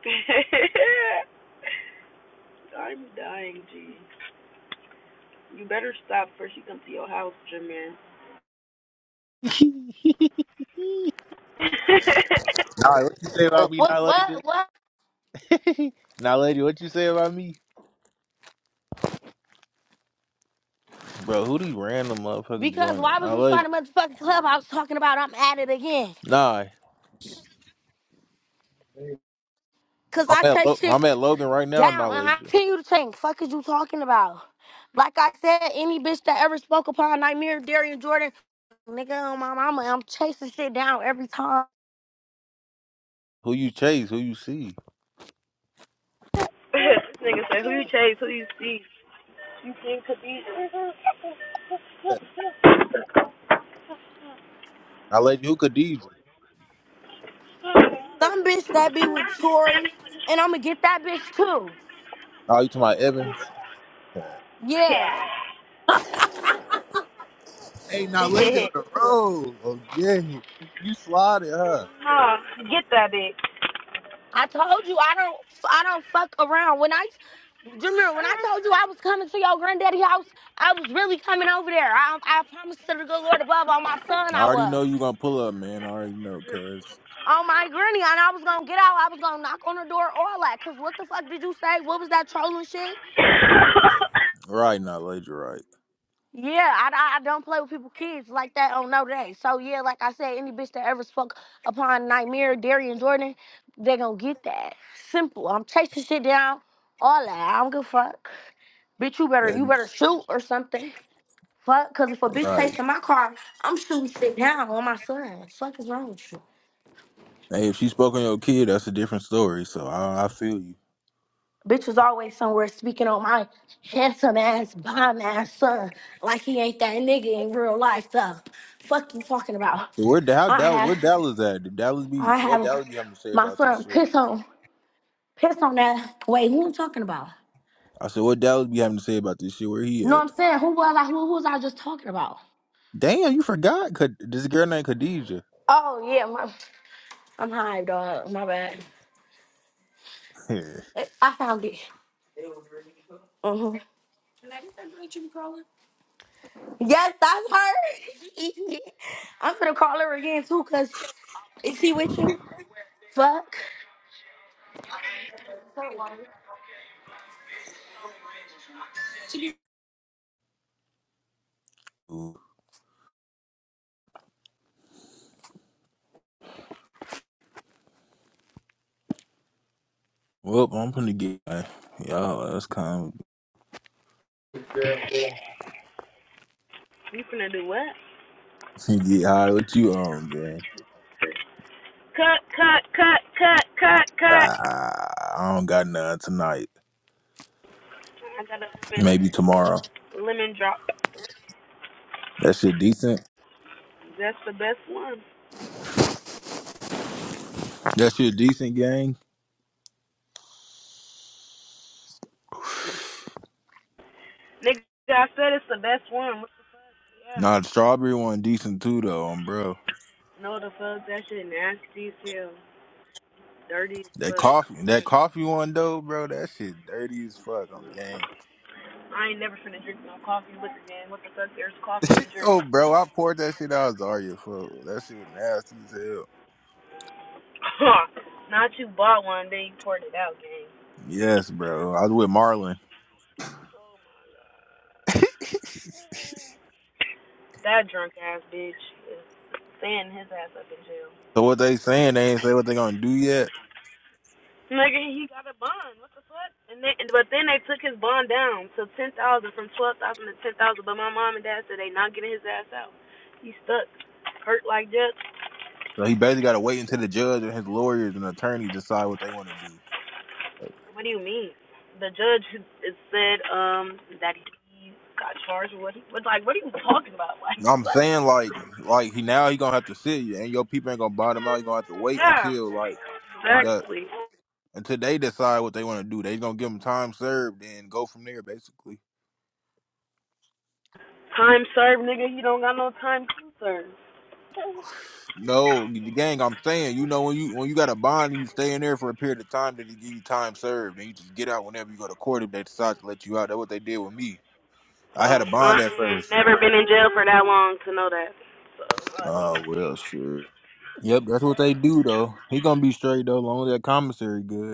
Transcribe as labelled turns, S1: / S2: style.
S1: I'm dying, G. You better stop before she come to your house, Jameer.
S2: Nah, what you say about me
S3: What?
S2: not
S3: What?
S2: lady?
S3: What?
S2: Nah, lady, what you say about me? Bro, who these random motherfuckers
S3: Because
S2: joining?
S3: why was
S2: Nah,
S3: you
S2: lady.
S3: starting motherfucking club? I was talking about I'm at it again.
S2: Nah,
S3: Cause
S2: I'm
S3: I
S2: at,
S3: chase
S2: Lo-
S3: shit
S2: I'm at Logan right now, nah,
S3: down and I
S2: lady.
S3: continue to change. Fuck is you talking about? Like I said, any bitch that ever spoke upon Nightmare, Darian Jordan, nigga on my mama, I'm chasing shit down every time.
S2: Who you chase, who you see?
S1: this nigga said, who you chase? Who you see? You think Khadija?
S2: Nah, lady, who Khadijah?
S3: Some bitch that be with Tori, and I'ma get that bitch too.
S2: Nah, you to my Evans.
S3: Yeah.
S1: Yeah.
S2: Hey, now lady on the road. Oh, yeah. You slotted huh?
S1: huh, get that bitch.
S3: I told you I don't I don't fuck around. When I Jameer, when I told you I was coming to your granddaddy house, I was really coming over there. I, I promised to the good Lord above on my son
S2: I
S3: I
S2: already
S3: was.
S2: know you gonna pull up, man. I already know, cuz.
S3: On my granny, and I was gonna get out. I was gonna knock on the door, all that. Cause what the fuck did you say? What was that trolling shit?
S2: Right, now, lady, right.
S3: Yeah, I, I, I don't play with people's kids like that on no day. So yeah, like I said, any bitch that ever spoke upon Nightmare, Darian Jordan, they gonna get that. Simple. I'm chasing shit down, all that. I don't give a fuck. Bitch, you better
S2: That,
S3: you better shoot or something. Fuck, cause if a bitch
S2: right.
S3: chasing my car, I'm shooting shit down on my son. Fuck is wrong with you?
S2: Hey, if she spoke on your kid, that's a different story, so I, I feel you.
S3: Bitch was always somewhere speaking on my handsome ass, bomb ass son. Like he ain't that nigga in real life though. Fuck you talking about.
S2: Where Da- how
S3: I
S2: Dallas?
S3: have
S2: Where Dallas at? Did Dallas be?
S3: I
S2: What
S3: have
S2: Dallas be having to say
S3: my
S2: about this
S3: son
S2: shit?
S3: piss on piss on that wait, who I'm talking about?
S2: I said, what Dallas be having to say about this shit? Where he
S3: You know what
S2: at?
S3: I'm saying? Who was I who, who was I just talking about?
S2: Damn, you forgot. Khad- This girl named Khadijah.
S3: Oh yeah, my, I'm high dog. My bad. I found it. Uh-huh. Yes, that's her. I'm gonna call her again too, cause is she with you? Fuck.
S2: Ooh. well, I'm gonna get y'all. That's kind
S1: You finna do what?
S2: of get high. What you on, gang?
S1: cut, cut, cut, cut, cut, cut.
S2: Ah, I don't got none tonight.
S1: I got a
S2: Maybe tomorrow.
S1: lemon, lemon drop.
S2: That shit decent.
S1: That's the best one.
S2: That shit decent, gang.
S1: Nigga, I said it's the best one. Yeah.
S2: Nah, the strawberry one decent too, though, um, bro.
S1: No, the fuck, that shit nasty as hell. Dirty as
S2: That
S1: fuck.
S2: coffee, that coffee one though, bro. That shit dirty as fuck on gang.
S1: I ain't never finna drink no coffee liquor, gang. What the fuck? There's coffee to drink.
S2: Oh, bro, I poured that shit out. I was for that shit was nasty as hell.
S1: Not you bought one, then you poured it out, gang.
S2: Yes, bro. I was with Marlon.
S1: That drunk ass bitch is staying his ass up in jail.
S2: So what they saying? They ain't say what they gonna do yet.
S1: Nigga, he got a bond. What the fuck? And they, but then they took his bond down to ten thousand from twelve thousand to ten thousand. But my mom and dad said they not getting his ass out. He's stuck, hurt like that.
S2: So he basically got to wait until the judge and his lawyers and attorney decide what they want to do. You
S1: What do you mean? The judge has said um that he got charged with what he was like. What are you talking about? Like
S2: know what I'm
S1: what?
S2: saying like, like he now he gonna have to sit you, and your people ain't gonna buy them out. He gonna have to wait
S1: Yeah.
S2: until like the
S1: Exactly.
S2: until they decide what they want to do. They gonna give him time served and go from there, basically.
S1: Time served, nigga. You don't got no time to serve.
S2: No, the gang. I'm saying, you know, when you when you got a bond and you stay in there for a period of time, then they give you time served, and you just get out whenever you go to court if they decide to let you out. That's what they did with me. I had
S1: Uh,
S2: a
S1: I
S2: bond at
S1: ain't
S2: first.
S1: never been in jail for that long to know that. So I don't.
S2: Oh well, shit. Yep, that's what they do though. He gonna be straight though, long as that commissary good.